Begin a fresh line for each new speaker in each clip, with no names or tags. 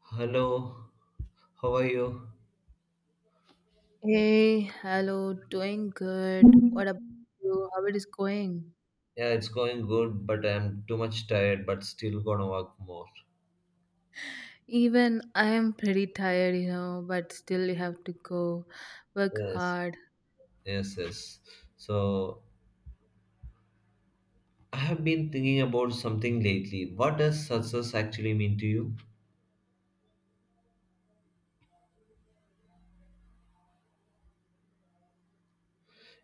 Hello, how are you?
Hey, hello, doing good. What about you? How it is going?
Yeah, it's going good, but I'm too much tired, but still gonna work more.
Even I am pretty tired, but still you have to go work
Yes,
hard.
yes, yes. So, I have been thinking about something lately. What does success actually mean to you?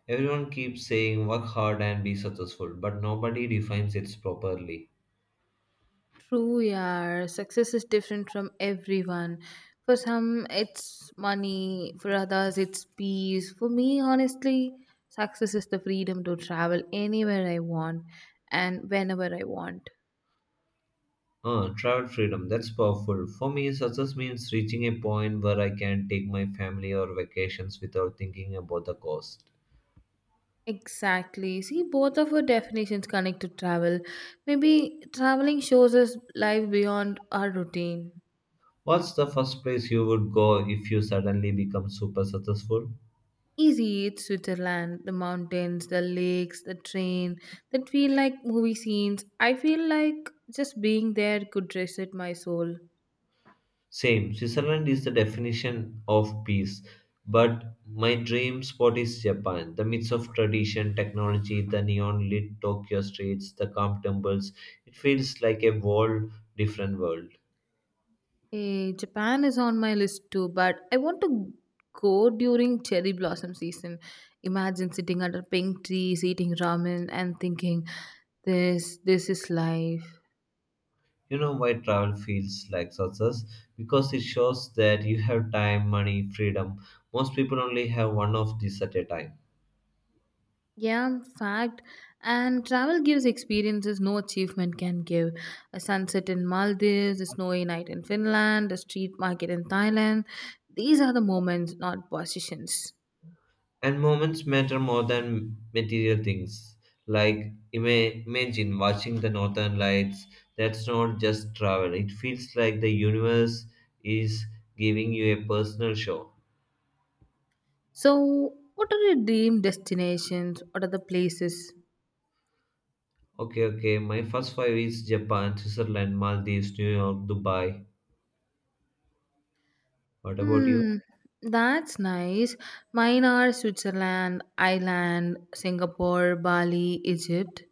Everyone keeps saying work hard and be successful, but nobody defines it properly.
True, yeah. Success is different from everyone. For some, it's money. For others, it's peace. For me, honestly, success is the freedom to travel anywhere I want and whenever I want.
Travel freedom, that's powerful. For me, success means reaching a point where I can take my family or vacations without thinking about the cost.
Exactly. See, both of our definitions connect to travel. Maybe traveling shows us life beyond our routine.
What's the first place you would go if you suddenly become super successful?
Easy Eat Switzerland, the mountains, the lakes, the train that feel like movie scenes. I feel like just being there could reset my soul.
Same, Switzerland is the definition of peace, but my dream spot is Japan. The mix of tradition, technology, the neon lit Tokyo streets, the calm temples, it feels like a whole different world.
Japan is on my list too, but I want to go during cherry blossom season. Imagine sitting under pink trees, eating ramen, and thinking, "This is life."
You know why travel feels like success? Because it shows that you have time, money, freedom. Most people only have one of these at a time.
Yeah, fact. And travel gives experiences no achievement can give. A sunset in Maldives, a snowy night in Finland, a street market in Thailand. These are the moments, not positions.
And moments matter more than material things. Like imagine watching the northern lights. That's not just travel. It feels like the universe is giving you a personal show.
So, what are your dream destinations? What are the places?
Okay, okay. My first five is Japan, Switzerland, Maldives, New York, Dubai. What about you?
Hmm, that's nice. Mine are Switzerland, Ireland, Singapore, Bali, Egypt.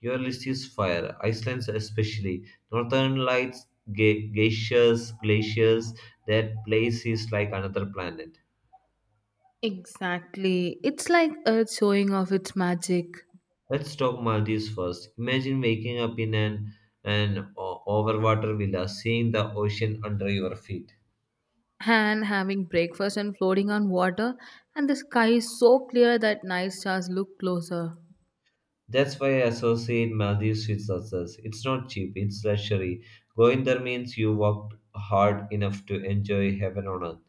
Your list is fire. Iceland, especially. Northern Lights, geishas, glaciers. That place is like another planet.
Exactly. It's like Earth showing off its magic.
Let's talk Maldives first. Imagine waking up in an overwater villa, seeing the ocean under your feet.
And having breakfast and floating on water, and the sky is so clear that night stars look closer.
That's why I associate Maldives with success. It's not cheap, it's luxury. Going there means you worked hard enough to enjoy heaven on earth.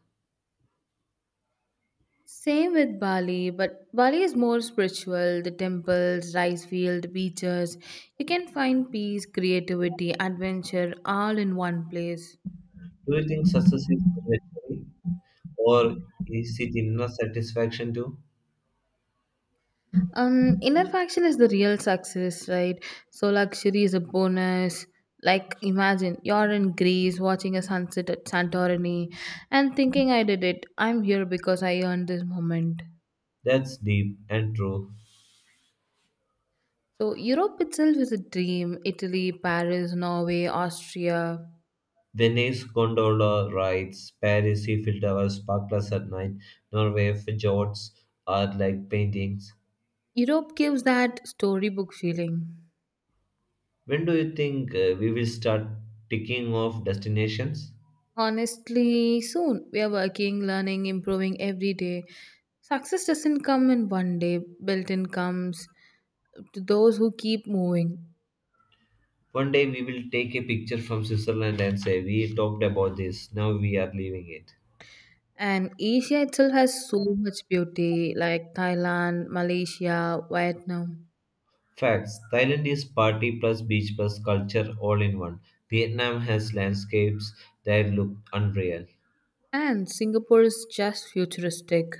Same with Bali, but Bali is more spiritual. The temples, rice field, beaches, you can find peace, creativity, adventure, all in one place.
Do you think success is luxury, or is it inner satisfaction too?
Inner faction is the real success, right? So luxury is a bonus. Like imagine you're in Greece, watching a sunset at Santorini, and thinking, I did it, I'm here because I earned this moment.
That's deep and true.
So Europe itself is a dream. Italy, Paris, Norway, Austria.
Venice gondola rides, Paris Eiffel Tower sparklers at night, Norway fjords are like paintings.
Europe gives that storybook feeling.
When do you think we will start ticking off destinations?
Honestly, soon we are working, learning, improving every day. Success doesn't come in one day, built in comes to those who keep moving.
One day we will take a picture from Switzerland and say, "We talked about this, now we are leaving it."
And Asia itself has so much beauty, like Thailand, Malaysia, Vietnam.
Facts Thailand is party plus beach plus culture all in one. Vietnam has landscapes that look unreal.
And Singapore is just futuristic.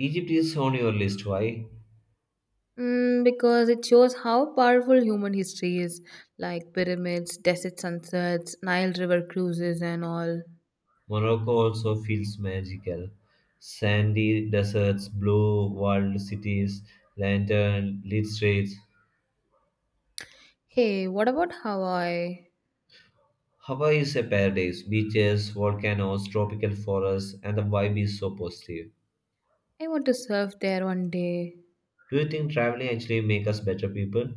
Egypt is on your list, why?
Mm, because it shows how powerful human history is, like pyramids, desert sunsets, Nile River cruises, and all.
Morocco also feels magical. Sandy deserts, blue walled cities, lantern lit streets.
Hey, what about Hawaii?
Hawaii is a paradise. Beaches, volcanoes, tropical forests, and the vibe is so positive.
I want to surf there one day.
Do you think traveling actually make us better people?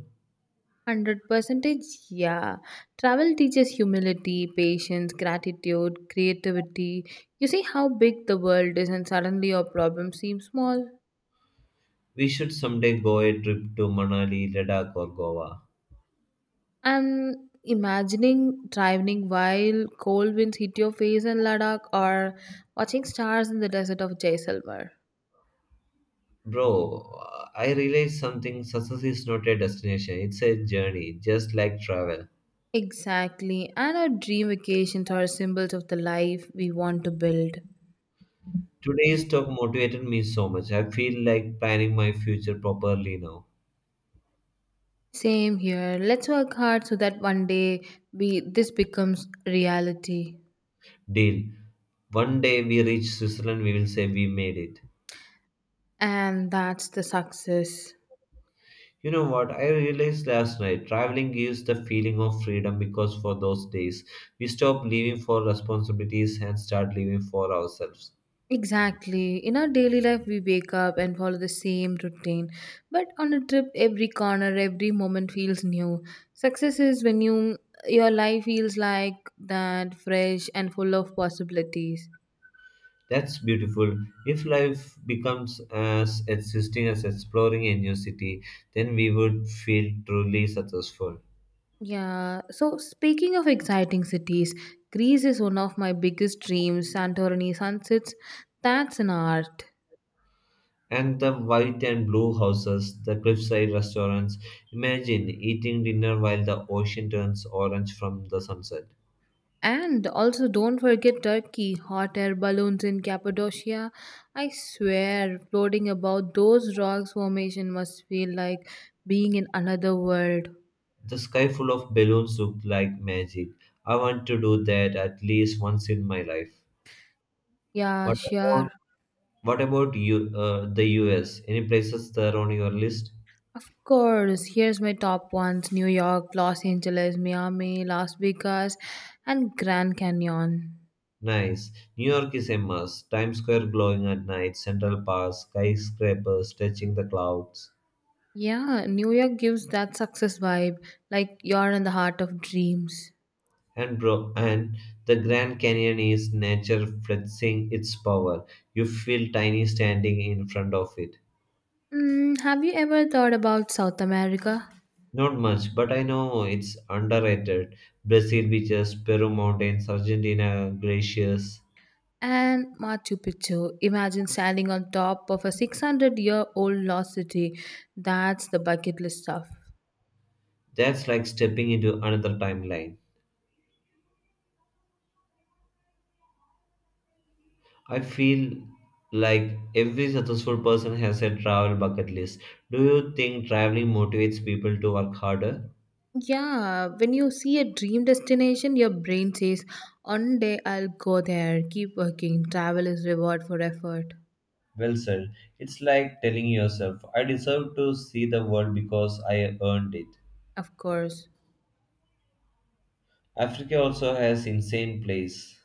100 percentage, yeah. Travel teaches humility, patience, gratitude, creativity. You see how big the world is, and suddenly your problem seems small.
We should someday go a trip to Manali, Ladakh, or Goa.
And imagining driving while cold winds hit your face in Ladakh, or watching stars in the desert of Jaisalmer.
Bro, I realized something. Success is not a destination; it's a journey, just like travel.
Exactly. And our dream vacations are symbols of the life we want to build.
Today's talk motivated me so much. I feel like planning my future properly now.
Same here. Let's work hard so that one day we this becomes reality.
Deal. One day we reach Switzerland, we will say we made it.
And that's the success.
You know what? I realized last night traveling gives the feeling of freedom because for those days we stop living for responsibilities and start living for ourselves.
Exactly. In our daily life, we wake up and follow the same routine. But on a trip, every corner, every moment feels new. Success is when your life feels like that, fresh and full of possibilities.
That's beautiful. If life becomes as existing as exploring a new city, then we would feel truly successful.
Yeah. So speaking of exciting cities, Greece is one of my biggest dreams. Santorini sunsets, that's an art.
And the white and blue houses, the cliffside restaurants. Imagine eating dinner while the ocean turns orange from the sunset.
And also, don't forget Turkey, hot air balloons in Cappadocia. I swear, floating about those rocks formation must feel like being in another world.
The sky full of balloons looked like magic. I want to do that at least once in my life.
Yeah,
What
sure.
about what about you? The U.S. Any places there on your list?
Of course, here's my top ones: New York, Los Angeles, Miami, Las Vegas, and Grand Canyon.
Nice. New York is a must. Times Square glowing at night, Central Park, skyscrapers touching the clouds.
Yeah, New York gives that success vibe, like you're in the heart of dreams.
And bro, and the Grand Canyon is nature flexing its power. You feel tiny standing in front of it.
Mm, have you ever thought about South America?
Not much, but I know it's underrated. Brazil beaches, Peru mountains, Argentina glaciers.
And Machu Picchu. Imagine standing on top of a 600-year-old lost city. That's the bucket list stuff.
That's like stepping into another timeline. I feel like every successful person has a travel bucket list. Do you think traveling motivates people to work harder?
Yeah, when you see a dream destination, your brain says, one day I'll go there. Keep working. Travel is reward for effort.
Well said. It's like telling yourself, I deserve to see the world because I earned it.
Of course.
Africa also has insane places,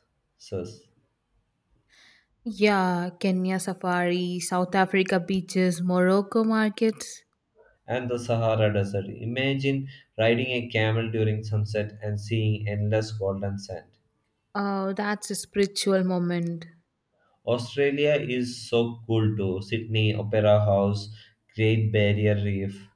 Yeah, Kenya safari, South Africa beaches, Morocco markets.
and the Sahara Desert. Imagine riding a camel during sunset and seeing endless golden sand.
Oh, that's a spiritual moment.
Australia is so cool too. Sydney, Opera House, Great Barrier Reef.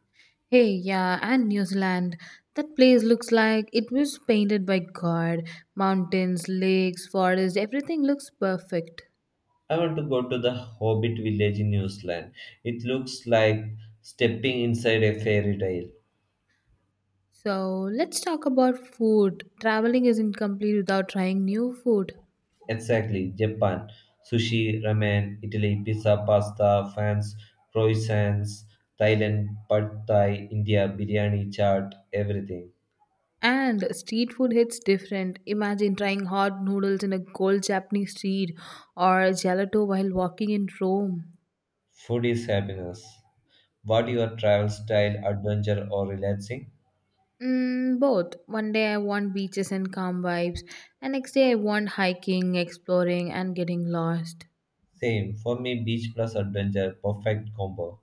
Hey, yeah, and New Zealand. That place looks like it was painted by God. Mountains, lakes, forests, everything looks perfect.
I want to go to the Hobbit village in New Zealand. It looks like stepping inside a fairy tale.
So, let's talk about food. Traveling isn't complete without trying new food.
Exactly, Japan. Sushi, ramen, Italy, pizza, pasta, France, croissants, Thailand, pad thai, India, biryani, chaat, everything.
And street food hits different. Imagine trying hot noodles in a cold Japanese street, or gelato while walking in Rome.
Food is happiness. What your travel style, adventure or relaxing?
Mm, both. One day I want beaches and calm vibes, and next day I want hiking, exploring, and getting lost.
Same. For me, beach plus adventure, perfect combo.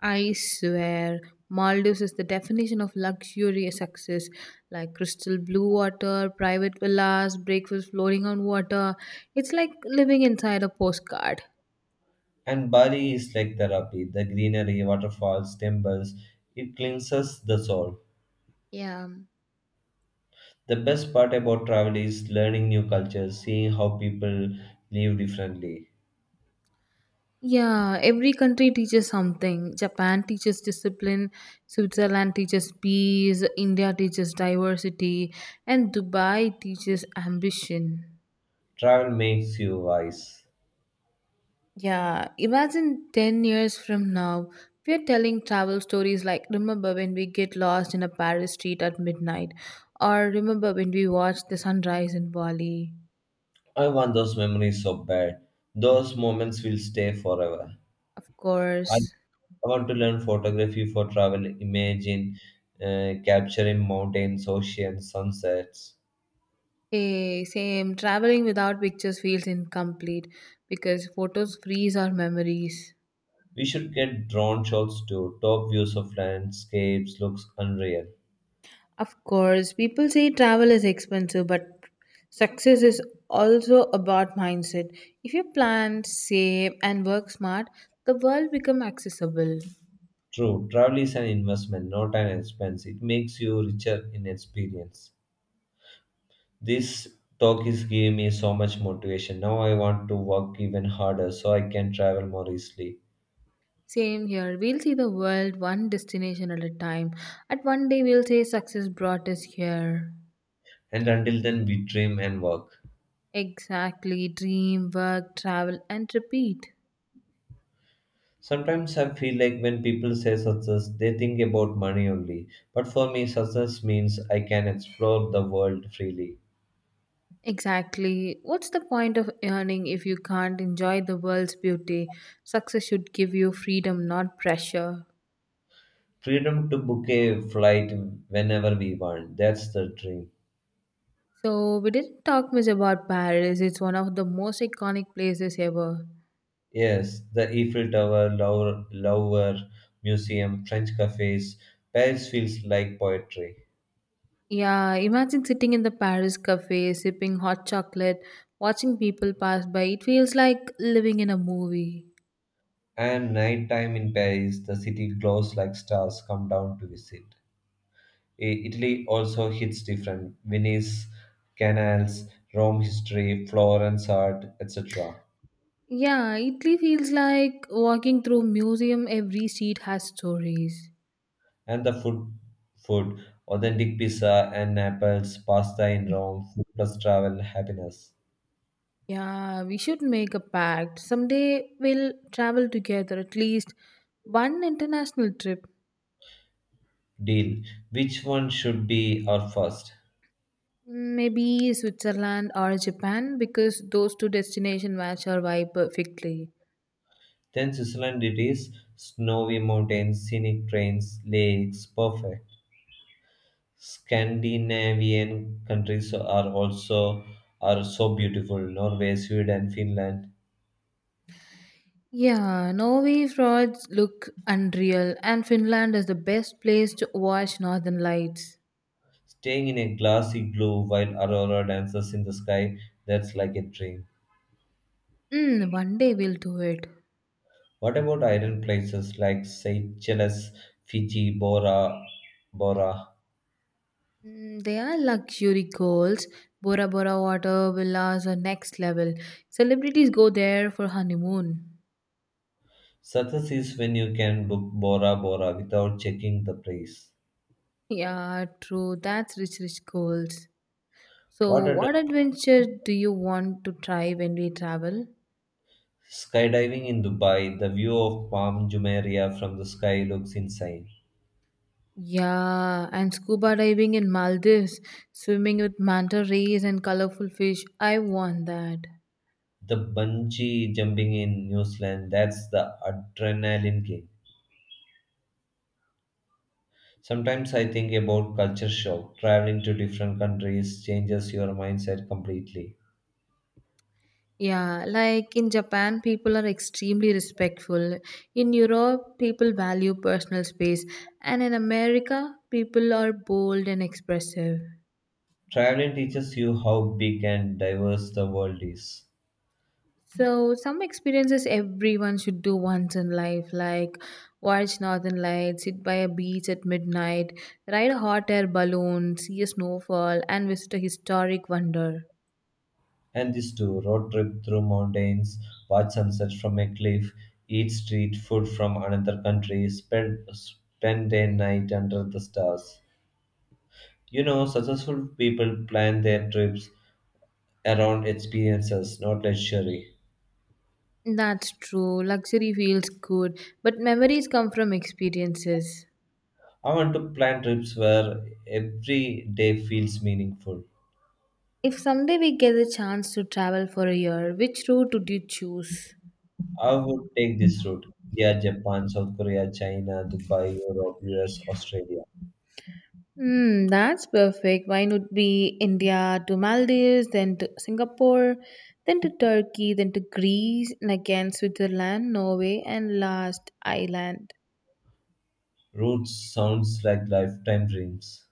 I swear, Maldives is the definition of luxurious success. Like crystal blue water, private villas, breakfast floating on water. It's like living inside a postcard.
And Bali is like therapy. The greenery, waterfalls, temples, it cleanses the soul.
Yeah.
The best part about travel is learning new cultures, seeing how people live differently.
Yeah, every country teaches something. Japan teaches discipline, Switzerland teaches peace, India teaches diversity, and Dubai teaches ambition.
Travel makes you wise.
Yeah, imagine 10 years from now, we're telling travel stories like remember when we get lost in a Paris street at midnight, or remember when we watched the sunrise in Bali.
I want those memories so bad. Those moments will stay forever.
Of
I
course.
want to learn photography for travel, imaging, capturing mountains, oceans, sunsets.
Hey, same. Traveling without pictures feels incomplete because photos freeze our memories.
We should get drone shots too. Top views of landscapes looks unreal.
Of course, people say travel is expensive, but success is also about mindset. If you plan, save, and work smart, the world become accessible.
True, travel is an investment, not an expense. It makes you richer in experience. This talk is giving me so much motivation. Now I want to work even harder so I can travel more easily.
Same here. We'll see the world one destination at a time. At one day, we'll say success brought us here.
And until then we dream and work.
Exactly. Dream, work, travel, and repeat.
Sometimes I feel like when people say success, they think about money only. But for me, success means I can explore the world freely.
Exactly. What's the point of earning if you can't enjoy the world's beauty? Success should give you freedom, not pressure.
Freedom to book a flight whenever we want. That's the dream.
So, we didn't talk much about Paris. It's one of the most iconic places ever.
Yes, the Eiffel Tower, Louvre, Louvre Museum, French cafes. Paris feels like poetry.
Yeah, imagine sitting in the Paris cafe, sipping hot chocolate, watching people pass by. It feels like living in a movie.
And nighttime in Paris, the city glows like stars come down to visit. Italy also hits different. Venice, canals, Rome history, Florence art, etc.
Yeah, Italy feels like walking through a museum. Every seat has stories.
And the food, authentic pizza and Naples, pasta in Rome, food plus travel, happiness.
Yeah, we should make a pact. Someday we'll travel together, at least one international trip.
Deal. Which one should be our first?
Maybe Switzerland or Japan because those two destinations match our vibe perfectly.
Then Switzerland it is. Snowy mountains, scenic trains, lakes, perfect. Scandinavian countries are so beautiful. Norway, Sweden, Finland,
Yeah, Norway fjords look unreal, and Finland is the best place to watch northern lights.
staying in a glassy glow while Aurora dances in the sky, that's like a dream.
Mm, one day we'll do it.
What about island places like Seychelles, Fiji, Bora Bora?
Mm, they are luxury goals. Bora Bora water villas are next level. Celebrities go there for honeymoon.
Success is when you can book Bora Bora without checking the price.
Yeah, true. That's rich goals. So,
What are the
what adventure do you want to try when we travel?
skydiving in Dubai? The view of Palm Jumeirah from the sky looks insane.
Yeah, and scuba diving in Maldives, swimming with manta rays and colorful fish. I want that.
The bungee jumping in New Zealand, that's the adrenaline game. Sometimes I think about culture shock. Traveling to different countries changes your mindset completely.
Yeah, like in Japan, people are extremely respectful. In Europe, people value personal space. And in America, people are bold and expressive.
Traveling teaches you how big and diverse the world is.
So, some experiences everyone should do once in life, like watch northern lights, sit by a beach at midnight, ride a hot air balloon, see a snowfall, and visit a historic wonder.
And this too, road trip through mountains, watch sunset from a cliff, eat street food from another country, spend a night under the stars. You know, successful people plan their trips around experiences, not luxury.
That's true. Luxury feels good, but memories come from experiences.
I want to plan trips where every day feels meaningful.
If someday we get the chance to travel for a year, which route would you choose?
I would take this route. Yeah, Japan, South Korea, China, Dubai, Europe, US, Australia.
Hmm, that's perfect. Mine would be India to Maldives, then to Singapore, then to Turkey, then to Greece, and again Switzerland, Norway, and last Ireland.
Route sounds like lifetime dreams.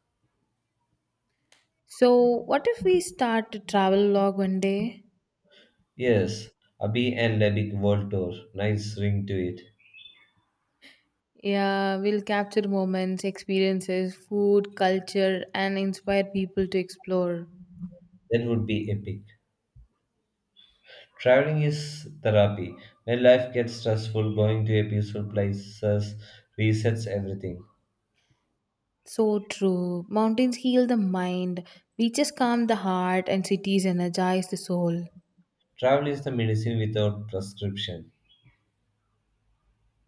So, what if we start to travel log one day?
Yes, Abhi and Lebik World Tour. Nice ring to it.
Yeah, we'll capture moments, experiences, food, culture, and inspire people to explore.
That would be epic. Traveling is therapy. When life gets stressful, going to a peaceful places resets everything.
So true. Mountains heal the mind, beaches calm the heart, and cities energize the soul.
Travel is the medicine without prescription.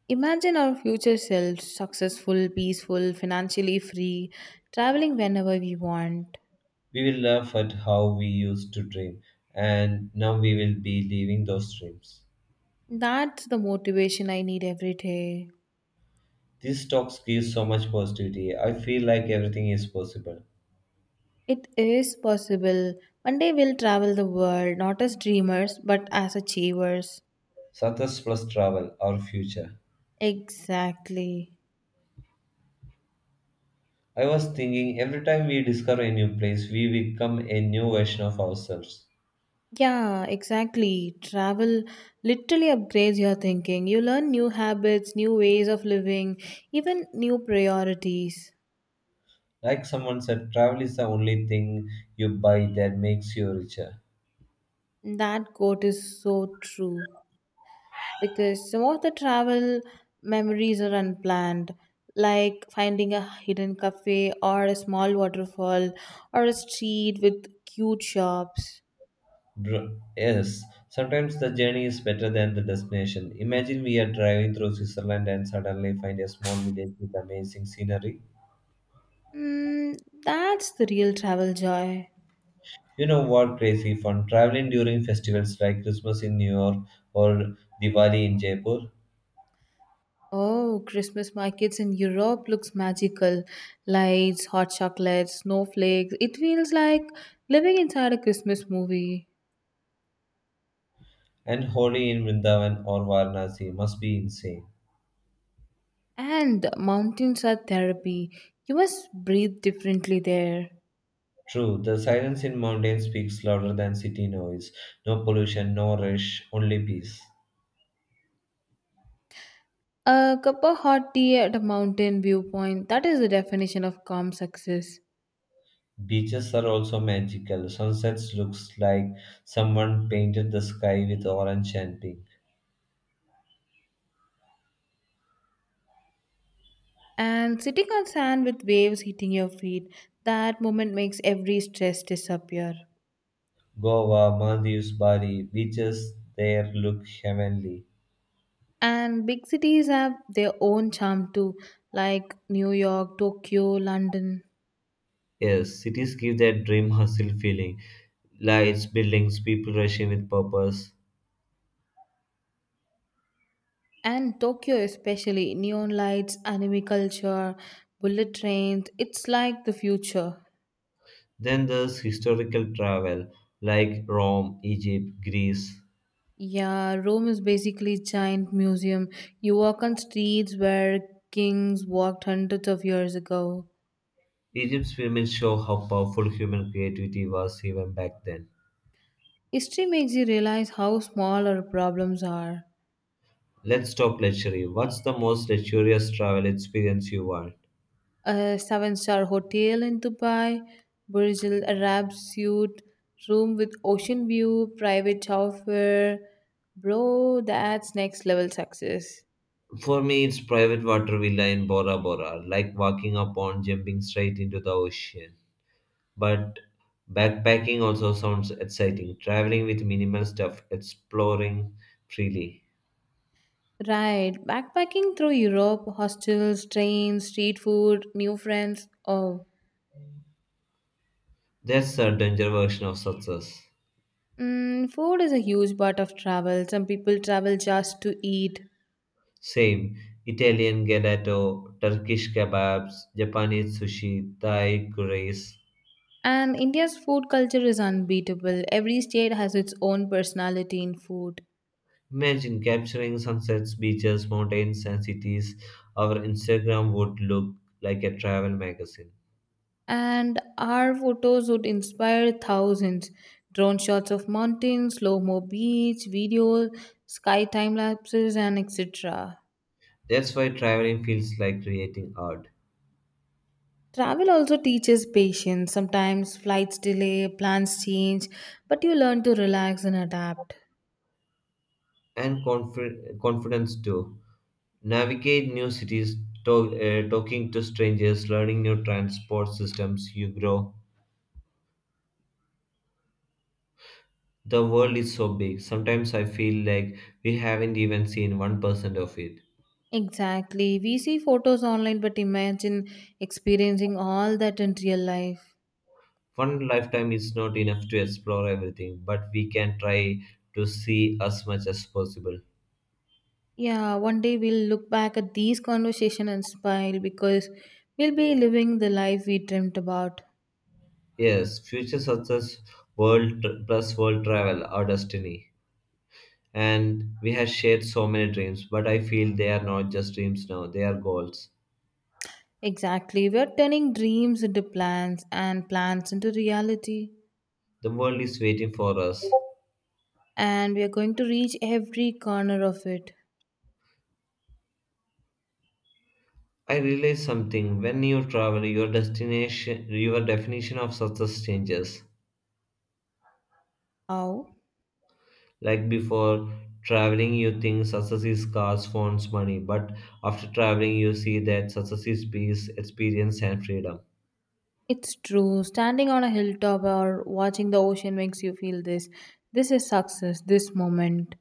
Imagine our future selves successful, peaceful, financially free, traveling whenever we want.
We will laugh at how we used to dream, and now we will be leaving those dreams.
That's the motivation I need every day.
These talks give so much positivity. I feel like everything is possible.
It is possible. One day we'll travel the world, not as dreamers, but as achievers.
Success plus travel, our future.
Exactly.
I was thinking every time we discover a new place, we become a new version of ourselves.
Yeah, exactly. Travel literally upgrades your thinking. You learn new habits, new ways of living, even new priorities.
Like someone said, travel is the only thing you buy that makes you richer.
That quote is so true. Because some of the travel memories are unplanned, like finding a hidden cafe, or a small waterfall, or a street with cute shops.
Yes, sometimes the journey is better than the destination. Imagine we are driving through Switzerland and suddenly find a small village with amazing scenery.
Mm, that's the real travel joy.
You know what crazy fun? Traveling during festivals like Christmas in New York or Diwali in Jaipur,
Oh, Christmas markets in Europe looks magical. Lights, hot chocolates, snowflakes. It feels like living inside a Christmas movie.
and Holi in Vrindavan or Varanasi must be insane.
And mountains are therapy. You must breathe differently there.
True, the silence in mountains speaks louder than city noise. No pollution, no rush, only peace.
A cup of hot tea at a mountain viewpoint, that is the definition of calm success.
Beaches are also magical. Sunsets looks like someone painted the sky with orange and pink.
And sitting on sand with waves hitting your feet, that moment makes every stress disappear.
Goa, Maldives, Bali, beaches there look heavenly.
And big cities have their own charm too, like New York, Tokyo, London.
Yes, cities give that dream hustle feeling. Lights, buildings, people rushing with purpose.
And Tokyo, especially, neon lights, anime culture, bullet trains, it's like the future.
Then there's historical travel, like Rome, Egypt, Greece.
Yeah, Rome is basically a giant museum. You walk on streets where kings walked hundreds of years ago.
Egypt's pyramids show how powerful human creativity was even back then.
History makes you realize how small our problems are.
Let's talk luxury. What's the most luxurious travel experience you want?
A seven-star hotel in Dubai, Burj Al Arab suite, room with ocean view, private shower. Bro, that's next level success.
For me, it's private water villa in Bora Bora, like walking up on jumping straight into the ocean. But backpacking also sounds exciting. Traveling with minimal stuff, exploring freely.
Right, backpacking through Europe, hostels, trains, street food, new friends. Oh.
That's a danger version of success.
Mm, food is a huge part of travel. Some people travel just to eat.
Same. Italian gelato, Turkish kebabs, Japanese sushi, Thai curries.
And India's food culture is unbeatable. Every state has its own personality in food.
Imagine capturing sunsets, beaches, mountains, and cities. Our Instagram would look like a travel magazine.
And our photos would inspire thousands. Drone shots of mountains, slow mo beach, videos, sky time lapses, and etc.
That's why traveling feels like creating art.
Travel also teaches patience. Sometimes flights delay, plans change, but you learn to relax and adapt.
And confidence too. Navigate new cities, talking to strangers, learning new transport systems, you grow. The world is so big. Sometimes I feel like we haven't even seen 1% of it.
Exactly. We see photos online, but imagine experiencing all that in real life.
One lifetime is not enough to explore everything, but we can try to see as much as possible.
Yeah, one day we'll look back at these conversations and smile because we'll be living the life we dreamt about.
Yes, future success, plus world travel, our destiny. And we have shared so many dreams, but I feel they are not just dreams now, they are goals.
Exactly. We're turning dreams into plans and plans into reality.
The world is waiting for us.
And we are going to reach every corner of it.
I realized something when you travel, your destination, your definition of success changes.
How?
Like before traveling, you think success is cars, phones, money, but after traveling, you see that success is peace, experience, and freedom.
It's true. Standing on a hilltop or watching the ocean makes you feel this. This is success, this moment.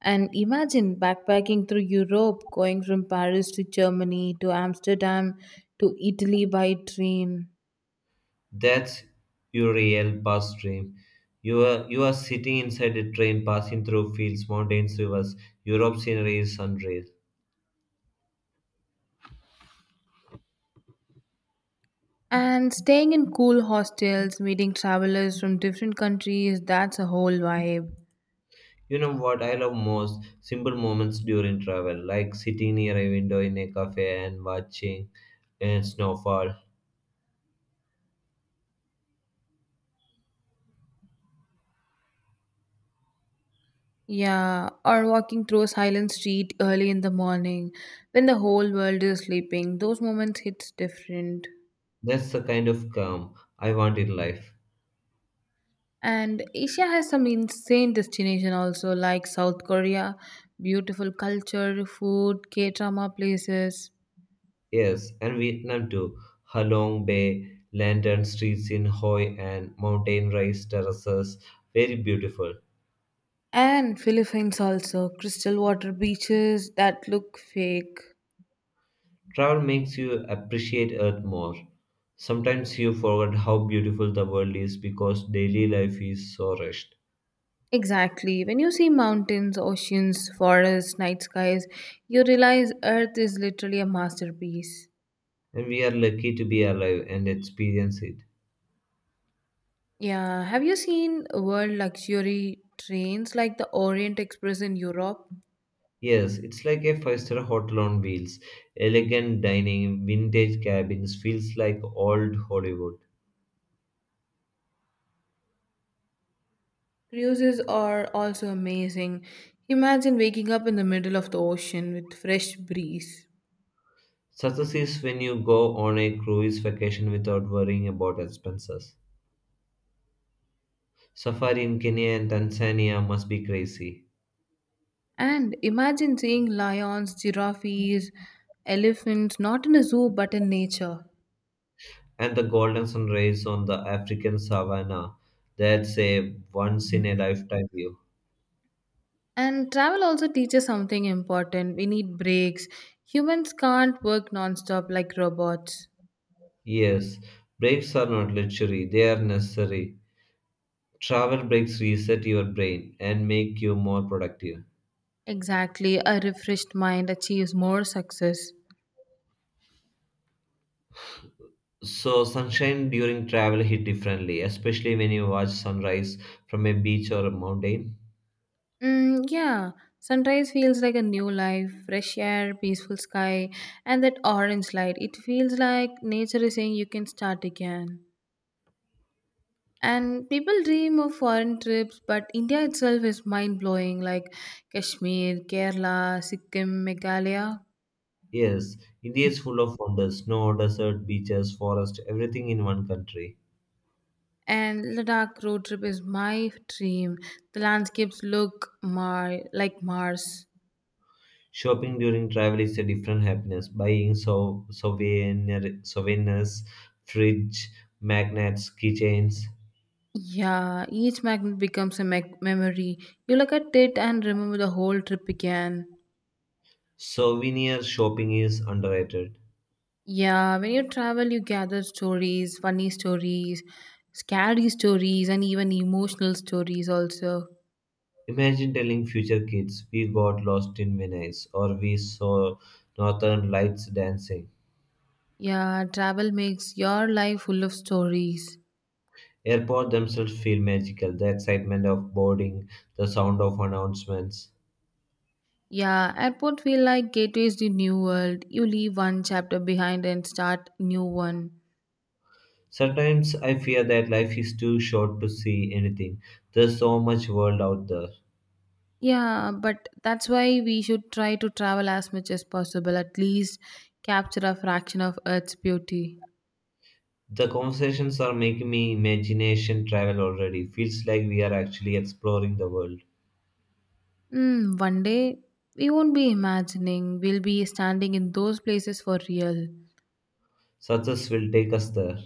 And imagine backpacking through Europe, going from Paris to Germany to Amsterdam to Italy by train.
That's your real past dream. You are sitting inside a train, passing through fields, mountains, rivers. Europe scenery is unreal.
And staying in cool hostels, meeting travelers from different countries, that's a whole vibe.
You know what I love most? Simple moments during travel, like sitting near a window in a cafe and watching a snowfall.
Yeah, or walking through a silent street early in the morning when the whole world is sleeping. Those moments hits different.
That's the kind of calm I want in life.
And Asia has some insane destination also like South Korea, beautiful culture, food, K-drama places.
Yes, and Vietnam too. Halong Bay, lantern streets in Hoi and mountain rice terraces. Very beautiful.
And Philippines also, crystal water beaches that look fake.
Travel makes you appreciate Earth more. Sometimes you forget how beautiful the world is because daily life is so rushed.
Exactly. When you see mountains, oceans, forests, night skies, you realize Earth is literally a masterpiece.
And we are lucky to be alive and experience it.
Yeah. Have you seen world luxury trains like the Orient Express in Europe?
Yes, it's like a five-star hotel on wheels. Elegant dining, vintage cabins, feels like old Hollywood.
Cruises are also amazing. Imagine waking up in the middle of the ocean with fresh breeze.
Success is when you go on a cruise vacation without worrying about expenses. Safari in Kenya and Tanzania must be crazy.
And imagine seeing lions, giraffes, elephants, not in a zoo but in nature.
And the golden sunrise on the African savannah, that's a once-in-a-lifetime view.
And travel also teaches something important. We need breaks. Humans can't work non-stop like robots.
Yes, breaks are not luxury, they are necessary. Travel breaks reset your brain and make you more productive.
Exactly, a refreshed mind achieves more success.
So sunshine during travel hit differently, especially when you watch sunrise from a beach or a mountain.
Yeah, sunrise feels like a new life, fresh air, peaceful sky, and that orange light. It feels like nature is saying you can start again. And people dream of foreign trips, but India itself is mind blowing, like Kashmir, Kerala, Sikkim, Meghalaya.
Yes, India is full of wonders, snow, desert, beaches, forest, everything in one country.
And Ladakh road trip is my dream. The landscapes look like Mars.
Shopping during travel is a different happiness. Buying souvenirs, fridge, magnets, keychains.
Yeah, each magnet becomes a memory. You look at it and remember the whole trip again.
Souvenir shopping is underrated.
Yeah, when you travel, you gather stories, funny stories, scary stories, and even emotional stories also.
Imagine telling future kids we got lost in Venice or we saw northern lights dancing.
Yeah, travel makes your life full of stories.
Airports themselves feel magical, the excitement of boarding, the sound of announcements.
Yeah, airport feel like gateways to new world. You leave one chapter behind and start new one.
Sometimes I fear that life is too short to see anything. There's so much world out there.
Yeah, but that's why we should try to travel as much as possible, at least capture a fraction of Earth's beauty.
The conversations are making me imagination travel already. Feels like we are actually exploring the world.
One day we won't be imagining, we'll be standing in those places for real.
Success will take us there.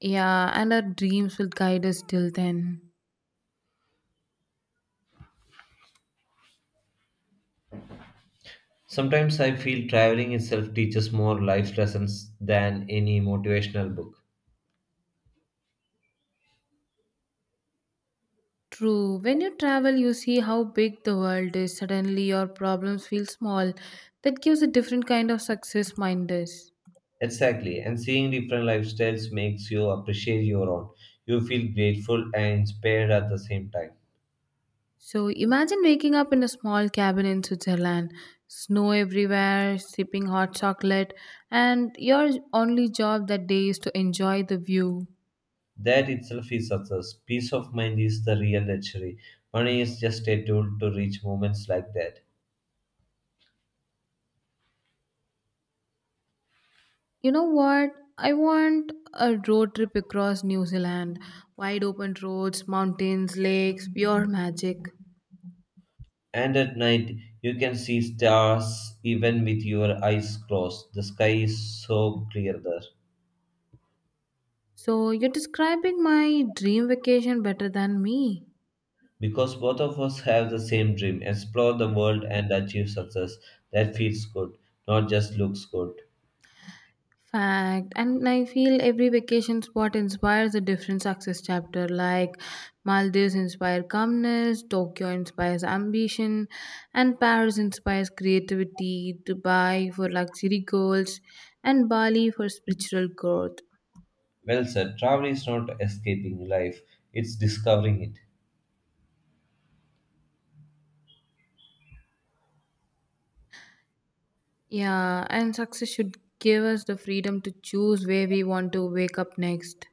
Yeah, and our dreams will guide us till then.
Sometimes I feel traveling itself teaches more life lessons than any motivational book.
True. When you travel, you see how big the world is. Suddenly, your problems feel small. That gives a different kind of success mindedness.
Exactly, and seeing different lifestyles makes you appreciate your own. You feel grateful and inspired at the same time.
So, imagine waking up in a small cabin in Switzerland, snow everywhere, sipping hot chocolate, and your only job that day is to enjoy the view.
That itself is success. Peace of mind is the real luxury. Money is just a tool to reach moments like that.
You know what? I want a road trip across New Zealand. Wide open roads, mountains, lakes, pure magic.
And at night, you can see stars even with your eyes closed. The sky is so clear there.
So you're describing my dream vacation better than me.
Because both of us have the same dream, explore the world and achieve success. That feels good, not just looks good.
Fact. And I feel every vacation spot inspires a different success chapter. Like Maldives inspire calmness, Tokyo inspires ambition, and Paris inspires creativity, Dubai for luxury goals, and Bali for spiritual growth.
Well said. Travel is not escaping life, it's discovering it.
Yeah, and success should give us the freedom to choose where we want to wake up next.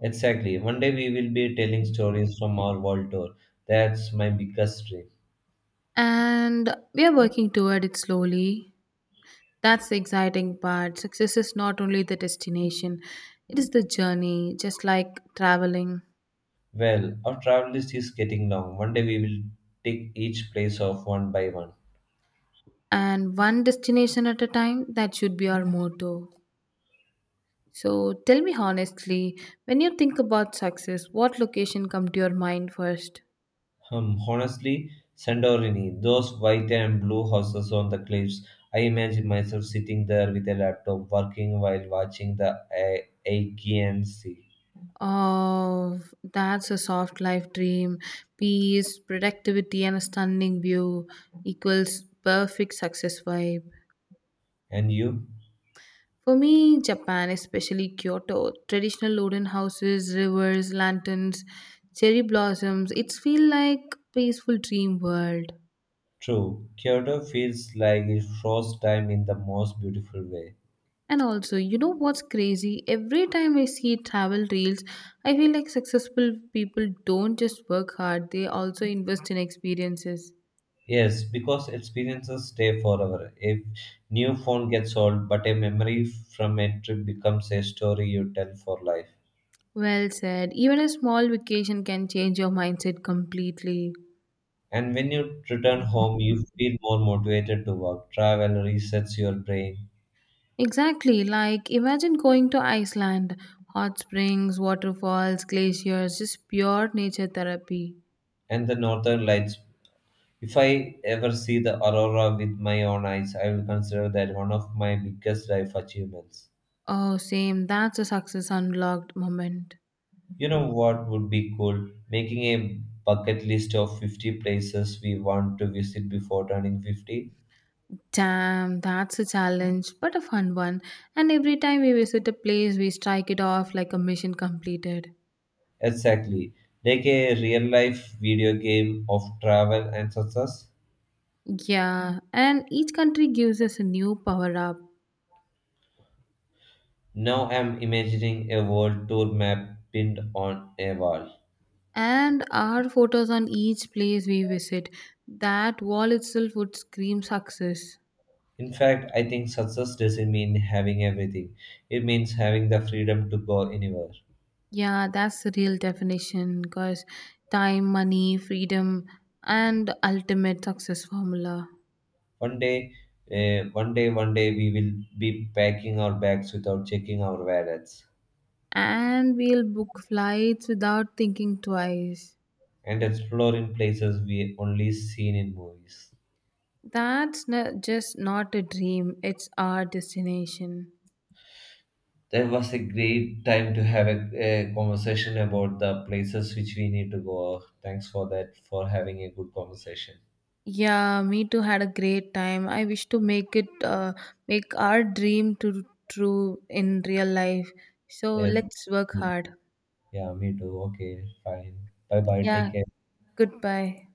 Exactly. One day we will be telling stories from our world tour. That's my biggest dream.
And we are working toward it slowly. That's the exciting part. Success is not only the destination, it is the journey, just like traveling.
Well, our travel list is getting long. One day we will take each place off one by one.
And one destination at a time, that should be our motto. So tell me honestly, when you think about success, what location come to your mind first?
Honestly, Sandorini, those white and blue houses on the cliffs, I imagine myself sitting there with a laptop working while watching the Aegean Sea.
Oh, that's a soft life dream. Peace, productivity, and a stunning view equals perfect success vibe.
And you?
For me, Japan, especially Kyoto, traditional wooden houses, rivers, lanterns, cherry blossoms, it's feel like peaceful dream world.
True, Kyoto feels like it froze time in the most beautiful way.
And also, you know what's crazy? Every time I see travel reels, I feel like successful people don't just work hard, they also invest in experiences.
Yes, because experiences stay forever. A new phone gets old, but a memory from a trip becomes a story you tell for life.
Well said. Even a small vacation can change your mindset completely.
And when you return home, you feel more motivated to work. Travel resets your brain.
Exactly. Like, imagine going to Iceland, hot springs, waterfalls, glaciers, just pure nature therapy.
And the northern lights. If I ever see the aurora with my own eyes, I will consider that one of my biggest life achievements.
Oh, same. That's a success unlocked moment.
You know what would be cool? Making a bucket list of 50 places we want to visit before turning 50.
Damn, that's a challenge, but a fun one. And every time we visit a place, we strike it off like a mission completed.
Exactly. Like a real life video game of travel and success.
Yeah, and each country gives us a new power up.
Now I'm imagining a world tour map pinned on a wall.
And our photos on each place we visit, that wall itself would scream success.
In fact, I think success doesn't mean having everything. It means having the freedom to go anywhere.
Yeah, that's the real definition because time, money, freedom, and ultimate success formula.
One day, one day, we will be packing our bags without checking our wallets.
And we'll book flights without thinking twice.
And explore in places we only seen in movies.
That's just not a dream, it's our destination.
That was a great time to have a conversation about the places which we need to go. Thanks for that, for having a good conversation.
Yeah, me too had a great time. I wish to make it make our dream to true in real life. So
Yes.
let's work hard.
Yeah, me too. Okay, fine. Bye bye.
Yeah,
Take care.
goodbye.